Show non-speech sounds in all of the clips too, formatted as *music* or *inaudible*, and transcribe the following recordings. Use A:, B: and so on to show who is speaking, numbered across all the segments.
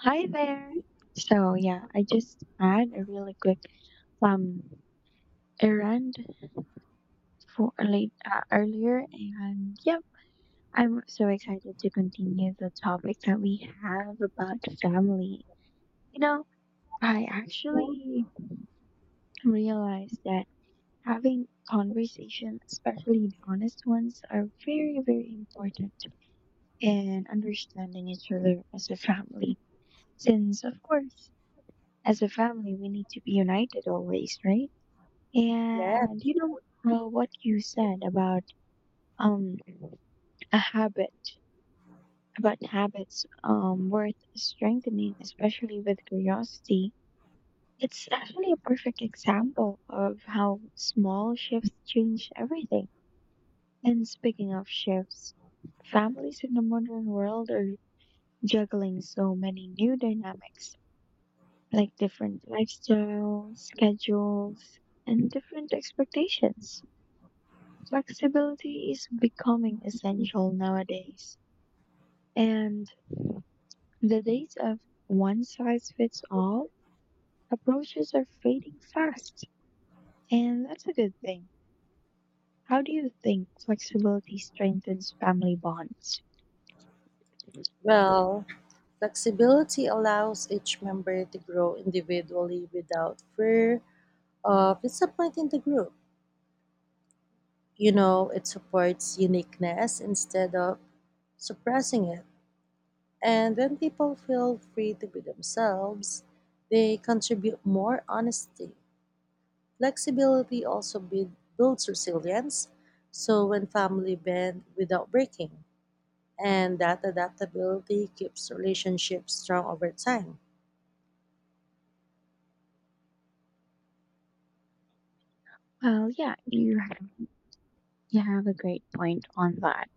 A: Hi there. So yeah, I just had a really quick um errand for late earlier, and yeah, I'm so excited to continue the topic that we have about family. You know, I actually realized that having conversations, especially the honest ones, are very very important in understanding each other as a family. Since of course, as a family, we need to be united always, right?
B: Yeah,
A: And you know what you said about um a habit about habits worth strengthening, especially with curiosity. It's actually a perfect example of how small shifts change everything. And speaking of shifts, families in the modern world are juggling so many new dynamics, like different lifestyles, schedules, and different expectations. Flexibility is becoming essential nowadays, and the days of one size fits all approaches are fading fast, and that's a good thing. How do you think flexibility strengthens family bonds?
B: well, flexibility allows each member to grow individually without fear of disappointing the group. You know, it supports uniqueness instead of suppressing it. And when people feel free to be themselves, they contribute more honesty. Flexibility also builds resilience, so when family bend without breaking, and that adaptability keeps relationships strong over time.
A: Well, yeah, you have a great point on that.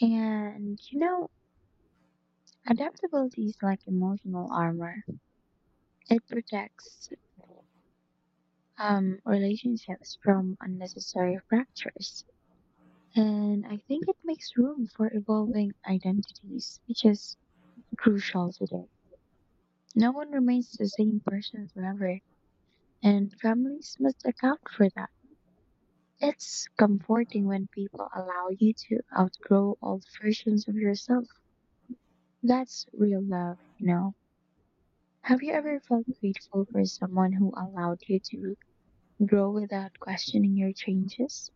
A: And you know, adaptability is like emotional armor. It protects relationships from unnecessary fractures. And I think it makes room for evolving identities, which is crucial today. No one remains the same person forever, and families must account for that. It's comforting when people allow you to outgrow old versions of yourself. That's real love, you know. Have you ever felt grateful for someone who allowed you to grow without questioning your changes?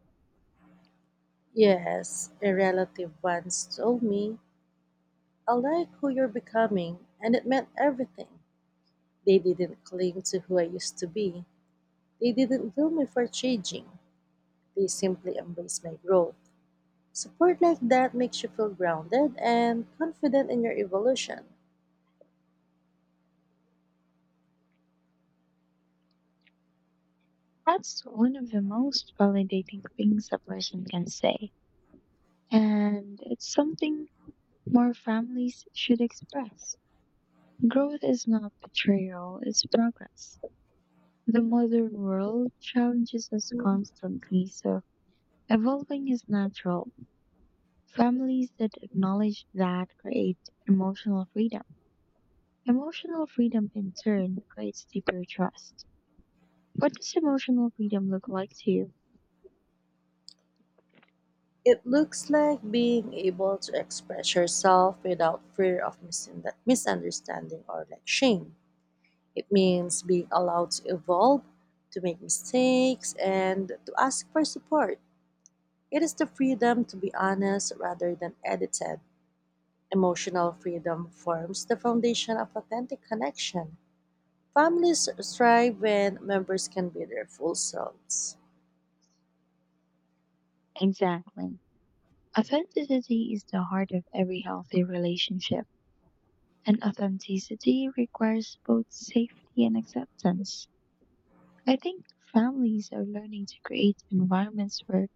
B: Yes, a relative once told me, I like who you're becoming, and it meant everything. They didn't cling to who I used to be, they didn't blame me for changing, they simply embraced my growth. Support like that makes you feel grounded and confident in your evolution.
A: That's one of the most validating things a person can say. And it's something more families should express. Growth is not betrayal, it's progress. The modern world challenges us constantly, so evolving is natural. Families that acknowledge that create emotional freedom. Emotional freedom, in turn, creates deeper trust. What does emotional freedom look like to you?
B: It looks like being able to express yourself without fear of misunderstanding or like shame. It means being allowed to evolve, to make mistakes, and to ask for support. It is the freedom to be honest rather than edited. Emotional freedom forms the foundation of authentic connection. Families thrive when members can be their full selves.
A: Exactly. Authenticity is the heart of every healthy relationship, and authenticity requires both safety and acceptance. I think families are learning to create environments where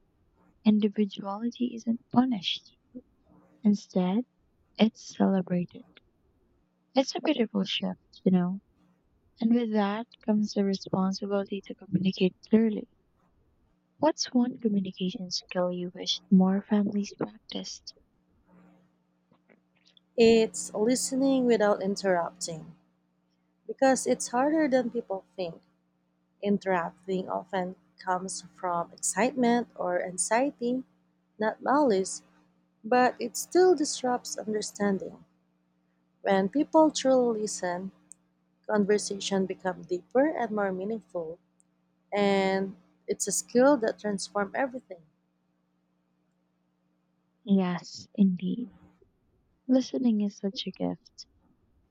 A: individuality isn't punished. Instead, it's celebrated. It's a beautiful shift, you know. And with that comes the responsibility to communicate clearly. What's one communication skill you wish more families practiced?
B: It's listening without interrupting because it's harder than people think. Interrupting often comes from excitement or anxiety, not malice. But it still disrupts understanding. When people truly listen, conversation become deeper and more meaningful, and it's a skill that transforms everything.
A: Yes, indeed. Listening is such a gift,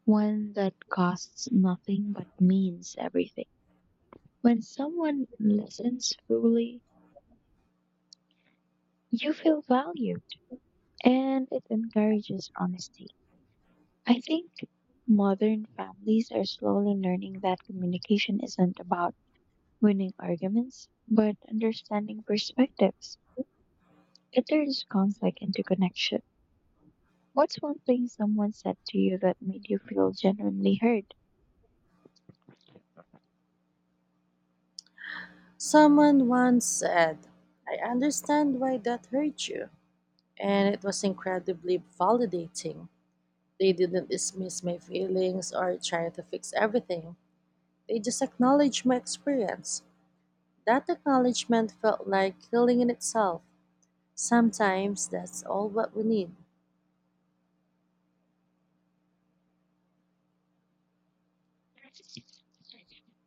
A: one that costs nothing but means everything. When someone listens fully, you feel valued and it encourages honesty. I think modern families are slowly learning that communication isn't about winning arguments, but understanding perspectives. It turns conflict into connection. What's one thing someone said to you that made you feel genuinely heard?
B: Someone once said, I understand why that hurt you, and it was incredibly validating. They didn't dismiss my feelings or try to fix everything. They just acknowledged my experience. That acknowledgement felt like healing in itself. Sometimes that's all what we need.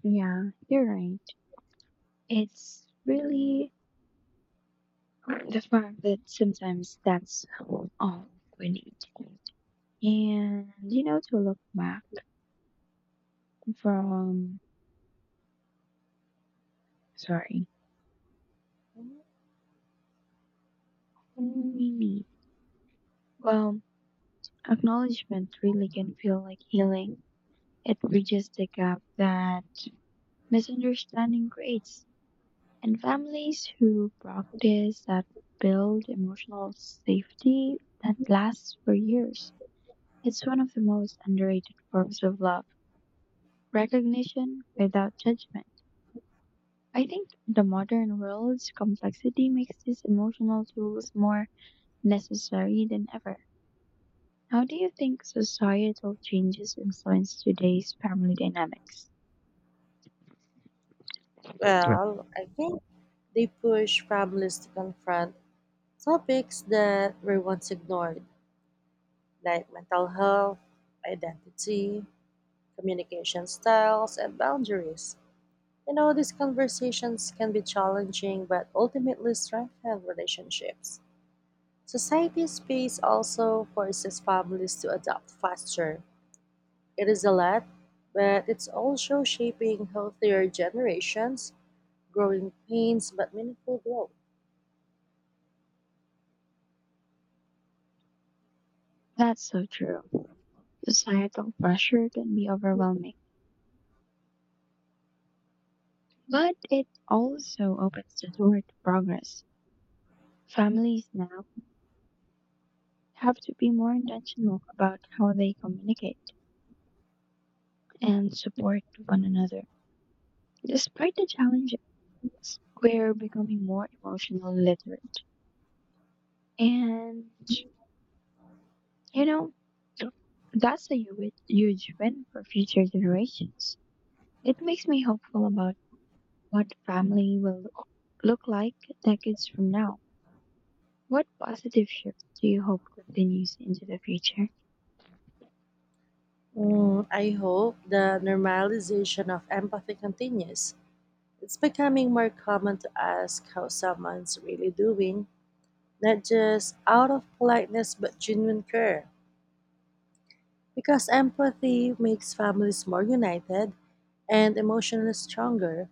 A: Yeah, you're right. It's really the fact that sometimes that's all we need. And you know, to look back. From, sorry. Mm, Well, acknowledgement really can feel like healing. It bridges the gap that misunderstanding creates. And families who practice that build emotional safety that lasts for years. It's one of the most underrated forms of love, recognition without judgment. I think the modern world's complexity makes these emotional tools more necessary than ever. How do you think societal changes influence today's family dynamics?
B: Well, I think they push families to confront topics that were once ignored, like mental health, identity, communication styles, and boundaries. You know, these conversations can be challenging but ultimately strengthen relationships. Society space also forces families to adapt faster. It is a lot, but it's also shaping healthier generations, growing pains but meaningful growth.
A: That's so true. Societal pressure can be overwhelming, but it also opens the door to progress. Families now have to be more intentional about how they communicate and support one another. Despite the challenges, we're becoming more emotional literate. And, you know, that's a huge, huge win for future generations. It makes me hopeful about what family will look like decades from now. What positive shifts do you hope continues into the future?
B: Mm, I hope the normalization of empathy continues. It's becoming more common to ask how someone's really doing, not just out of politeness but genuine care. Because empathy makes families more united and emotionally stronger.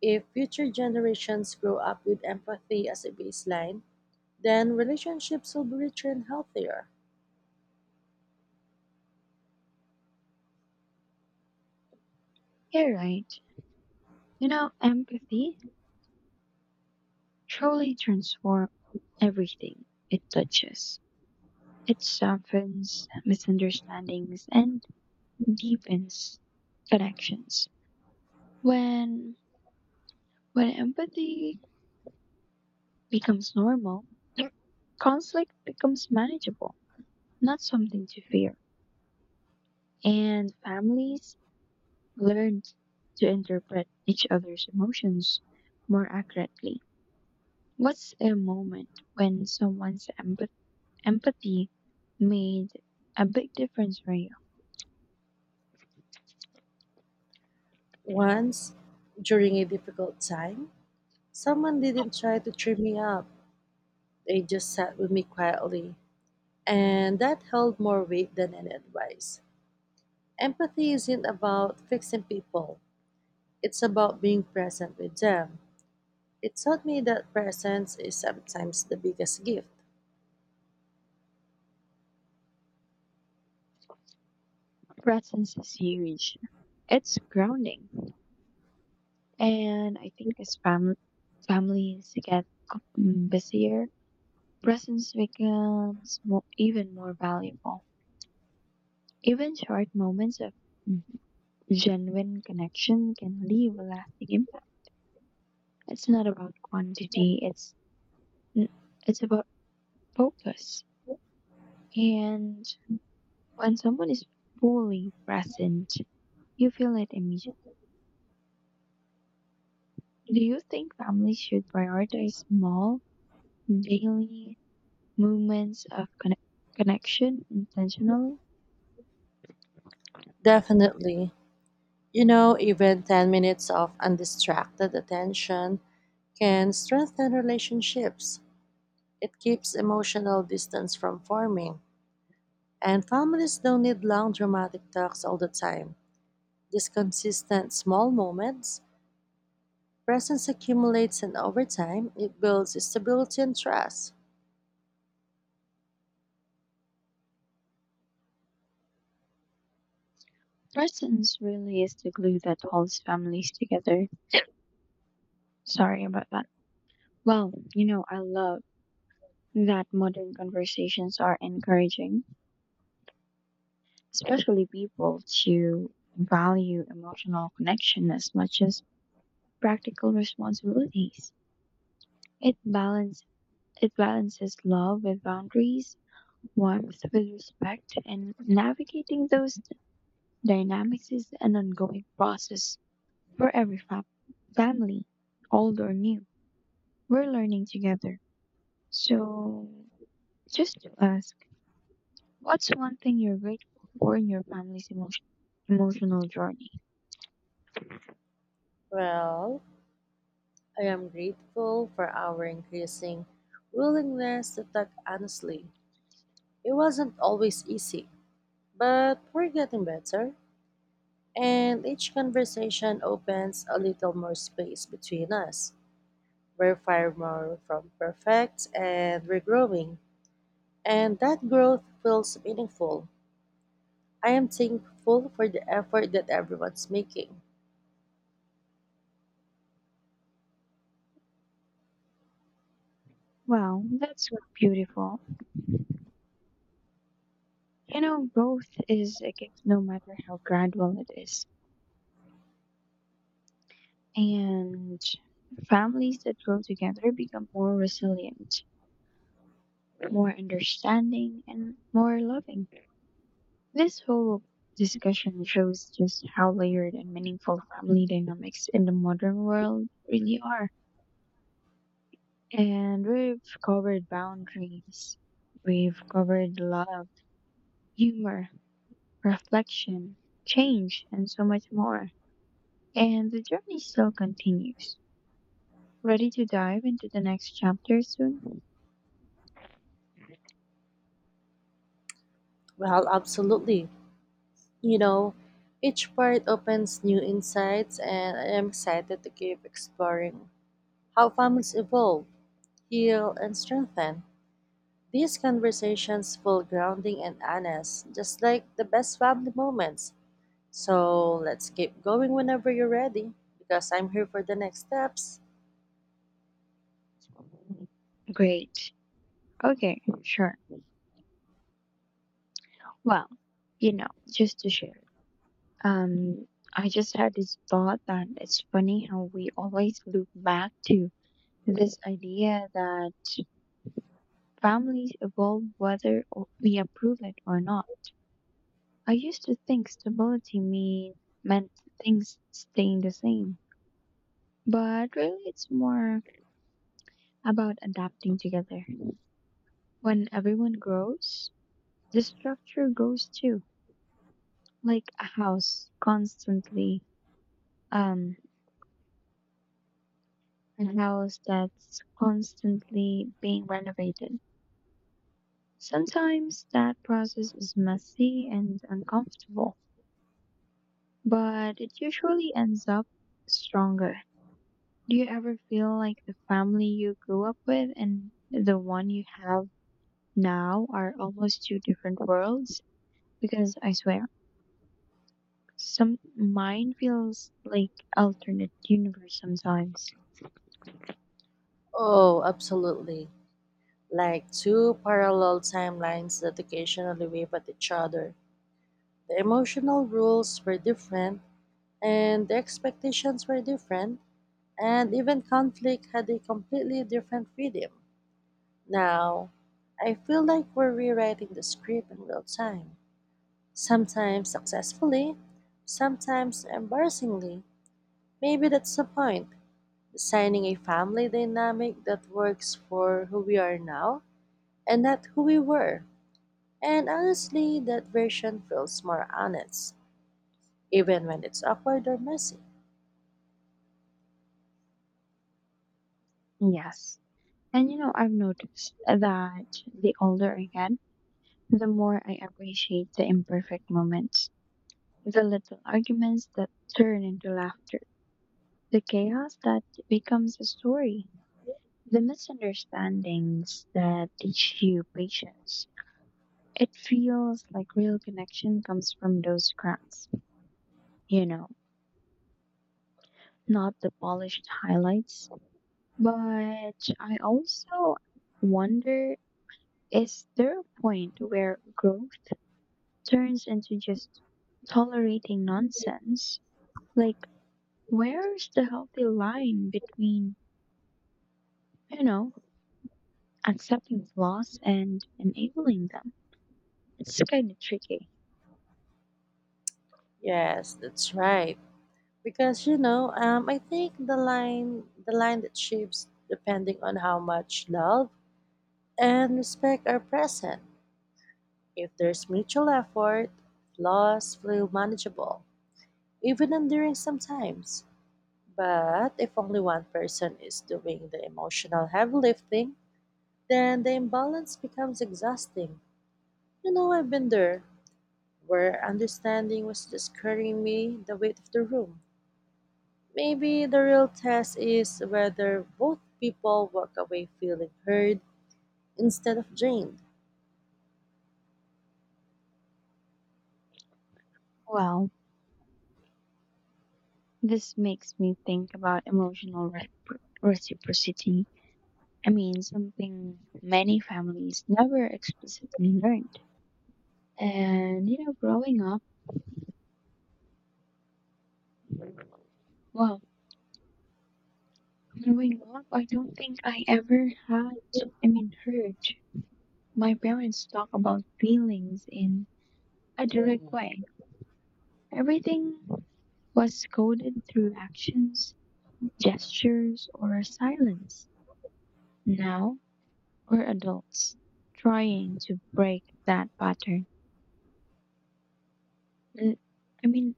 B: If future generations grow up with empathy as a baseline, then relationships will be richer and healthier.
A: You're right. You know, empathy truly transforms everything it touches. It softens misunderstandings and deepens connections. When when empathy becomes normal, *clears throat* conflict becomes manageable, not something to fear. And families learned to interpret each other's emotions more accurately. What's a moment when empathy made a big difference for you?
B: Once, during a difficult time, someone didn't try to cheer me up. They just sat with me quietly, and that held more weight than any advice. Empathy isn't about fixing people, it's about being present with them. It taught me that presence is sometimes the biggest gift.
A: Presence is huge. It's grounding. And I think as families get busier, presence becomes more, even more valuable. Even short moments of genuine connection can leave a lasting impact. It's not about quantity, n- it's about focus. And when someone is fully present, you feel it immediately. Do you think families should prioritize small daily movements of connection intentionally?
B: Definitely. You know, even 10 minutes of undistracted attention can strengthen relationships. It keeps emotional distance from forming. And families don't need long dramatic talks all the time. These consistent small moments. Presence accumulates and over time, it builds stability and trust.
A: Presence really is the glue that holds families together. *coughs* Sorry about that. Well, you know, I love that modern conversations are encouraging especially people to value emotional connection as much as practical responsibilities. It balance it balances love with boundaries, warmth with respect, and navigating those dynamics is an ongoing process for every family, old or new. We're learning together. So, just to ask, what's one thing you're grateful for in your emotional journey?
B: Well, I am grateful for our increasing willingness to talk honestly. It wasn't always easy, but we're getting better, and each conversation opens a little more space between us. We're far more from perfect, and we're growing, and that growth feels meaningful. I am thankful for the effort that everyone's making.
A: Wow, that's beautiful. You know, growth is a gift no matter how gradual it is. And families that grow together become more resilient, more understanding, and more loving. This whole discussion shows just how layered and meaningful family dynamics in the modern world really are. And we've covered boundaries. We've covered love, humor, reflection, change, and so much more. And the journey still continues. Ready to dive into the next chapter soon?
B: Well, absolutely. You know, each part opens new insights, and I am excited to keep exploring how families evolve, heal, and strengthen. These conversations feel grounding and honest, just like the best family moments. So let's keep going whenever you're ready, because I'm here for the next steps.
A: Great. Okay, sure. Well, you know, just to share. Um, I just had this thought that it's funny how we always loop back to this idea that families evolve whether we approve it or not. I used to think stability mean, meant things staying the same, but really it's more about adapting together. When everyone grows, the structure grows too. Like a house constantly, um, a house that's constantly being renovated. Sometimes that process is messy and uncomfortable, but it usually ends up stronger. Do you ever feel like the family you grew up with and the one you have now are almost two different worlds? Because I swear, some mine feels like alternate universe sometimes.
B: Oh, absolutely. Like two parallel timelines that occasionally wave at each other. The emotional rules were different, and the expectations were different, and even conflict had a completely different rhythm. Now, I feel like we're rewriting the script in real time, sometimes successfully, sometimes embarrassingly. Maybe that's the point, designing a family dynamic that works for who we are now and not who we were. And honestly, that version feels more honest, even when it's awkward or messy.
A: Yes. And you know, I've noticed that the older I get, the more I appreciate the imperfect moments, the little arguments that turn into laughter, the chaos that becomes a story, the misunderstandings that teach you patience. It feels like real connection comes from those cracks, you know, not the polished highlights. But I also wonder, is there a point where growth turns into just tolerating nonsense? Like, where's the healthy line between, you know, accepting flaws and enabling them? It's kind of tricky.
B: Yes, that's right. Because you know, I think the line that shifts depending on how much love and respect are present. If there's mutual effort, flaws feel manageable, even enduring sometimes. But if only one person is doing the emotional heavy lifting, then the imbalance becomes exhausting. You know, I've been there, where understanding was just carrying me the weight of the room. Maybe the real test is whether both people walk away feeling heard instead of drained.
A: Well, this makes me think about reciprocity. I mean, something many families never explicitly learned. And, you know, well, growing up, I don't think I ever had, I mean, heard my parents talk about feelings in a direct way. Everything was coded through actions, gestures, or silence. Now we're adults trying to break that pattern. And, I mean,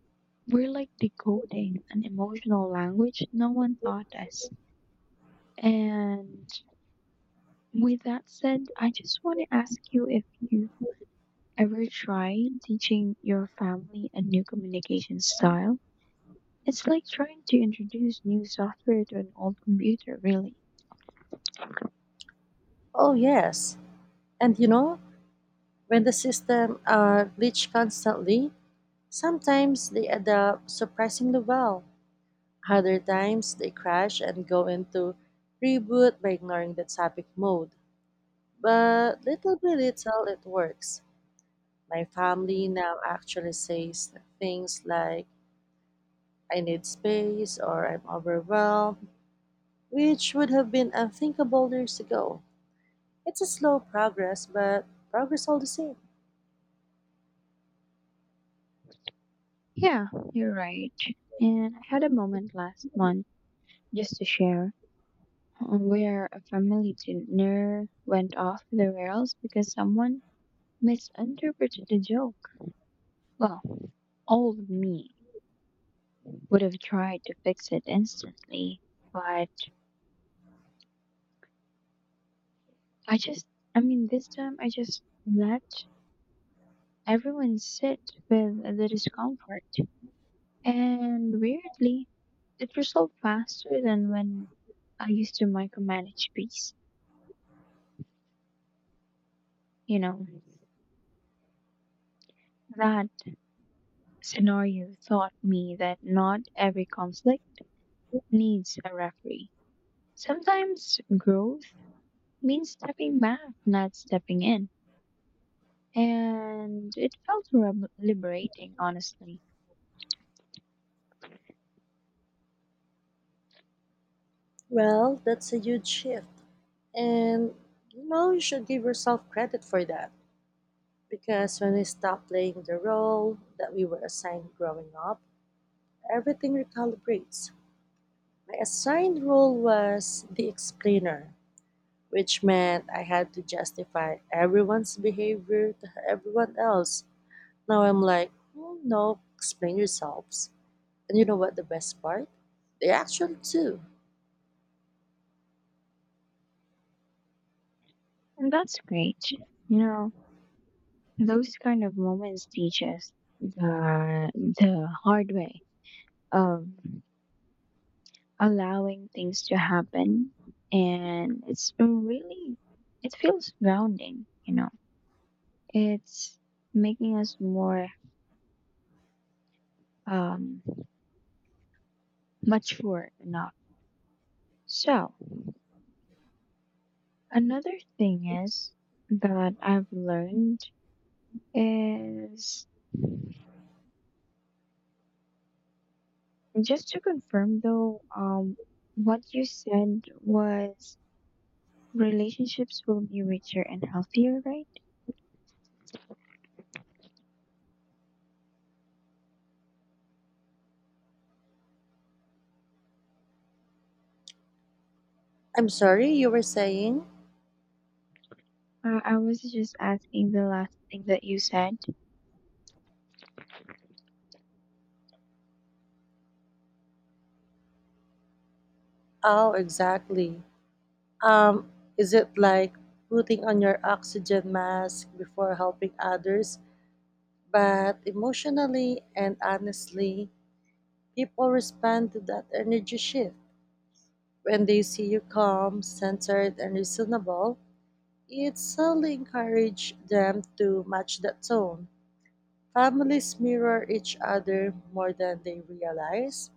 A: we're like decoding an emotional language no one taught us. And with that said, I just want to ask you if you've ever tried teaching your family a new communication style. It's like trying to introduce new software to an old computer, really.
B: Oh, yes. And you know, when the system glitch constantly, sometimes they adapt surprisingly well. Other times they crash and go into reboot by ignoring the topic mode. But little by little, it works. My family now actually says things like, I need space or I'm overwhelmed, which would have been unthinkable years ago. It's a slow progress, but progress all the same.
A: Yeah, you're right. And I had a moment last month just to share where a family dinner went off the rails because someone misinterpreted the joke. Well, old me would have tried to fix it instantly, but I just, I mean, this time I just let everyone sit with the discomfort. And weirdly, it resolved faster than when I used to micromanage peace, you know. That scenario taught me that not every conflict needs a referee. Sometimes growth means stepping back, not stepping in. And it felt liberating, honestly.
B: Well, that's a huge shift. And you know, you should give yourself credit for that. Because when we stop playing the role that we were assigned growing up, everything recalibrates. My assigned role was the explainer, which meant I had to justify everyone's behavior to everyone else. Now I'm like, oh, no, explain yourselves. And you know what the best part? They actually do.
A: And that's great. You know, those kind of moments teach us the, the hard way of allowing things to happen. And it's really, it feels grounding, you know. It's making us more um, mature enough. So, another thing is that I've learned is just to confirm though, what you said was relationships will be richer and healthier, right?
B: I'm sorry, you were saying?
A: I was just asking the last thing that you said.
B: Oh, exactly. Um, is it like putting on your oxygen mask before helping others? But emotionally and honestly, people respond to that energy shift. When they see you calm, centered, and reasonable, it slowly encourages them to match that tone. Families mirror each other more than they realize,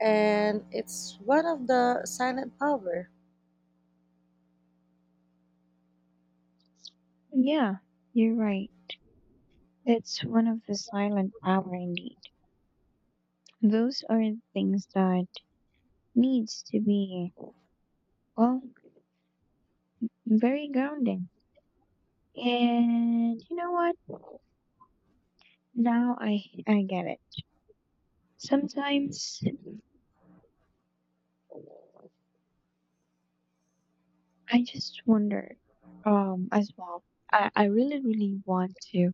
B: and it's one of the silent power.
A: Yeah, you're right. That's one of the silent power indeed. Those are things that needs to be, well, very grounding. And you know what? Now I get it. Sometimes I just wonder, as well. I really, really want to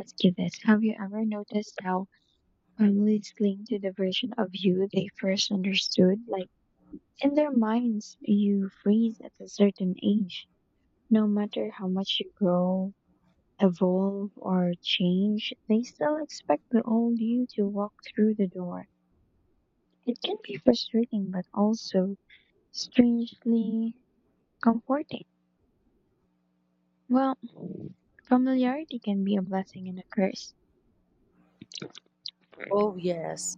A: ask you this. Have you ever noticed how families cling to the version of you they first understood? Like, in their minds, you freeze at a certain age. No matter how much you grow, evolve, or change, they still expect the old you to walk through the door. It can be frustrating, but also strangely comforting. Well, familiarity can be a blessing and a curse.
B: Oh yes,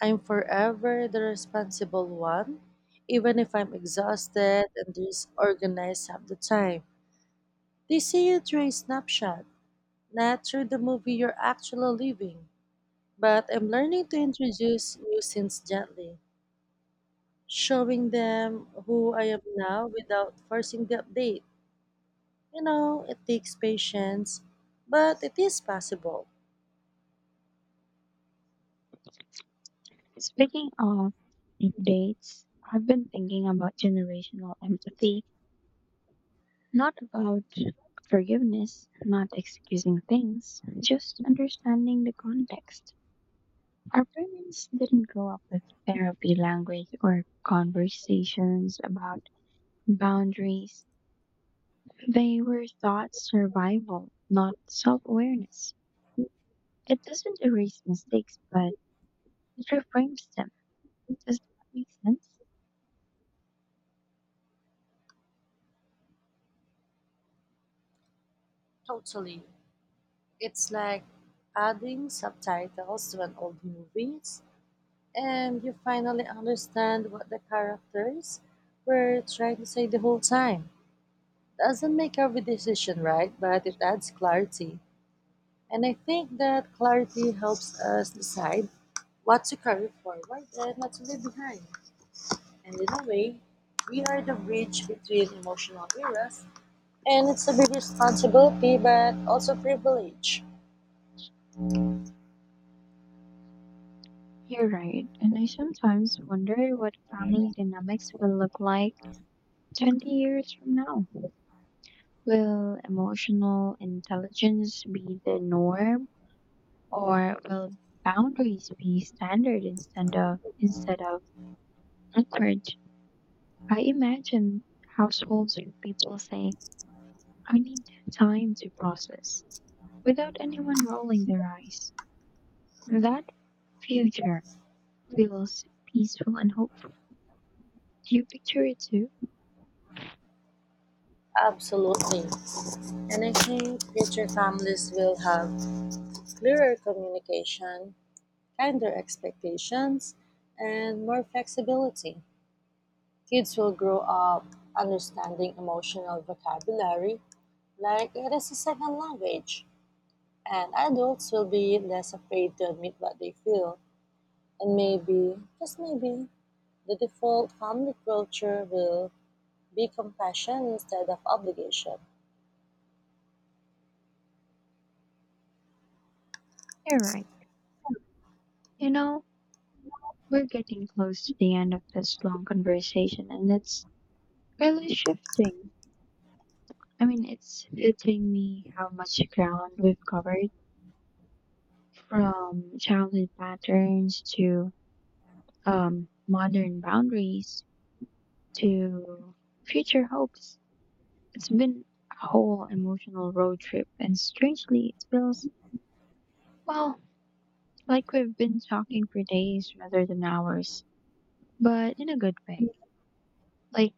B: I'm forever the responsible one, even if I'm exhausted and disorganized half the time. They see you through a snapshot, not through the movie you're actually living. But I'm learning to introduce new scenes gently, showing them who I am now without forcing the update. You know, it takes patience, but it is possible.
A: Speaking of dates, I've been thinking about generational empathy. Not about forgiveness, not excusing things, just understanding the context. Our parents didn't grow up with therapy language or conversations about boundaries. They were taught survival, not self awareness. It doesn't erase mistakes, but it reframes them. Does that make sense?
B: Totally. It's like adding subtitles to an old movies, and you finally understand what the characters were trying to say the whole time. Doesn't make every decision right, but it adds clarity. And I think that clarity helps us decide what to carry forward and what to leave behind. And in a way, we are the bridge between emotional eras, and it's a big responsibility but also privilege.
A: You're right, and I sometimes wonder what family dynamics will look like 20 years from now. Will emotional intelligence be the norm, or will boundaries be standard instead of encouraged? I imagine households with people saying, I need time to process without anyone rolling their eyes. That future feels peaceful and hopeful. Do you picture it too?
B: Absolutely. And I think future families will have clearer communication, kinder expectations, and more flexibility. Kids will grow up understanding emotional vocabulary like it is a second language, and adults will be less afraid to admit what they feel. And maybe, just maybe, the default family culture will be compassion instead of obligation.
A: You're right. You know, we're getting close to the end of this long conversation and it's really shifting. I mean, it's hitting me how much ground we've covered from childhood patterns to modern boundaries to future hopes. It's been a whole emotional road trip, and strangely, it feels, well, like we've been talking for days rather than hours, but in a good way, like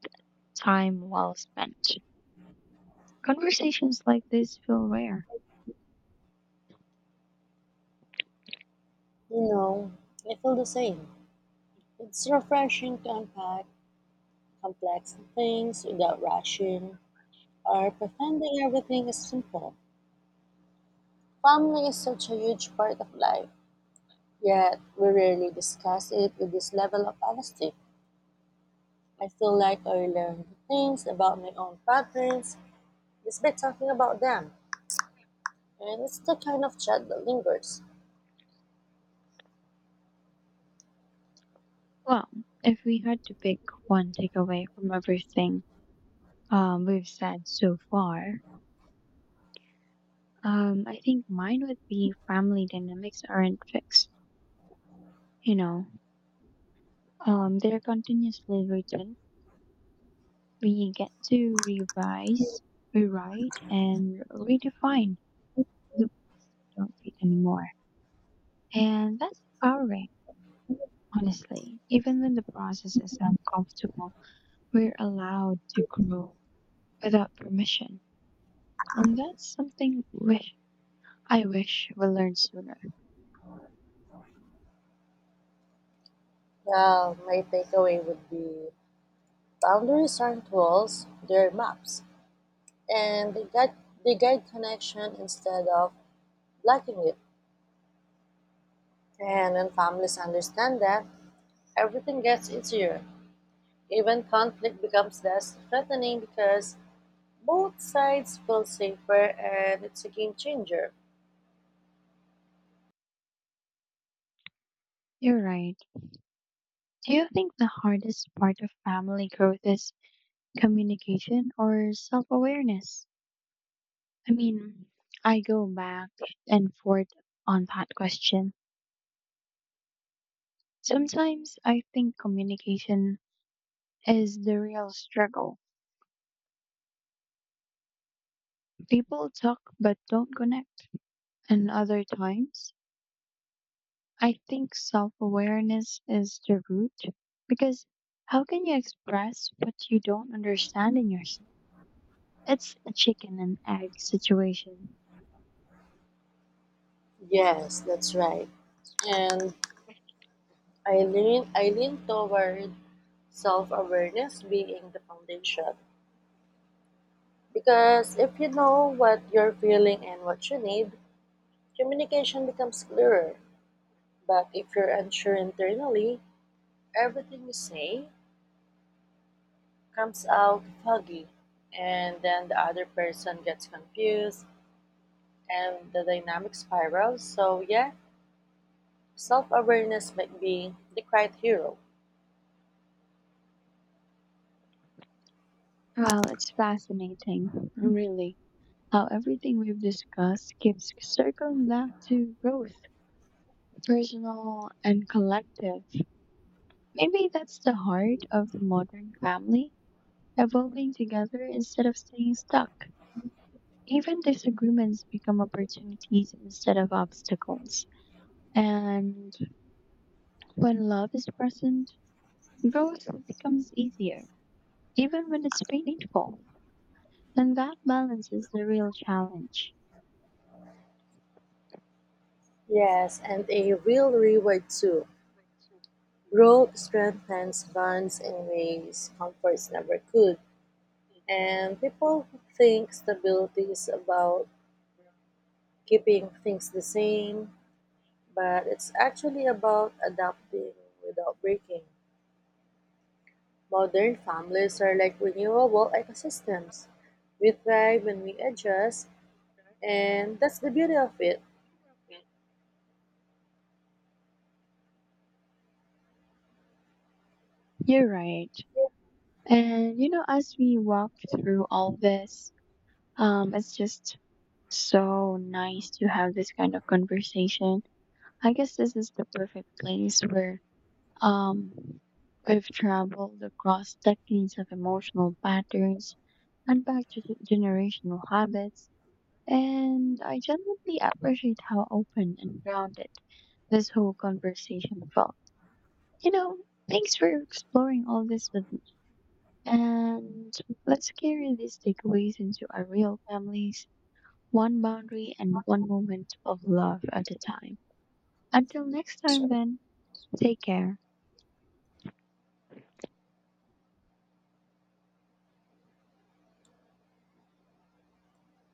A: time well spent. Conversations like this feel rare.
B: You know, I feel the same. It's refreshing to unpack complex things without rushing or pretending everything is simple. Family is such a huge part of life, yet we rarely discuss it with this level of honesty. I feel like I learned things about my own patterns just by talking about them, and it's the kind of chat that lingers.
A: Well, if we had to pick one takeaway from everything, we've said so far. I think mine would be family dynamics aren't fixed. You know, they're continuously written. We get to revise, rewrite, and redefine the ones that don't fit anymore. And that's empowering, honestly. Even when the process is uncomfortable, we're allowed to grow without permission. And that's something wish I wish we learned sooner.
B: Well, my takeaway would be boundaries aren't walls, they're maps, and they guide connection instead of blocking it. And when families understand that, everything gets easier. Even conflict becomes less threatening because both sides feel safer, and it's a game changer.
A: You're right. Do you think the hardest part of family growth is communication or self awareness? I mean, I go back and forth on that question. Sometimes I think communication is the real struggle. People talk but don't connect. And other times, I think self awareness is the root because how can you express what you don't understand in yourself? It's a chicken and egg situation.
B: Yes, that's right. And I lean toward self awareness being the foundation. Because if you know what you're feeling and what you need, communication becomes clearer. But if you're unsure internally, everything you say comes out foggy, and then the other person gets confused and the dynamic spirals. So, yeah, self awareness might be the quiet hero.
A: Well, it's fascinating, really, how everything we've discussed keeps circling back to growth, personal and collective. Maybe that's the heart of the modern family, evolving together instead of staying stuck. Even disagreements become opportunities instead of obstacles. And when love is present, growth becomes easier, even when it's painful. And that balance is the real challenge.
B: Yes, and a real reward too. Growth strengthens bonds in ways comforts never could. And people think stability is about keeping things the same, but it's actually about adapting without breaking. Modern families are like renewable ecosystems. We thrive when we adjust, and that's the beauty of it.
A: You're right. And you know, as we walk through all this, it's just so nice to have this kind of conversation. I guess this is the perfect place where um we've traveled across decades of emotional patterns and back to generational habits. And I genuinely appreciate how open and grounded this whole conversation felt. You know, thanks for exploring all this with. And let's carry these takeaways into our real families, one boundary and one moment of love at a time. Until next time, then, take care.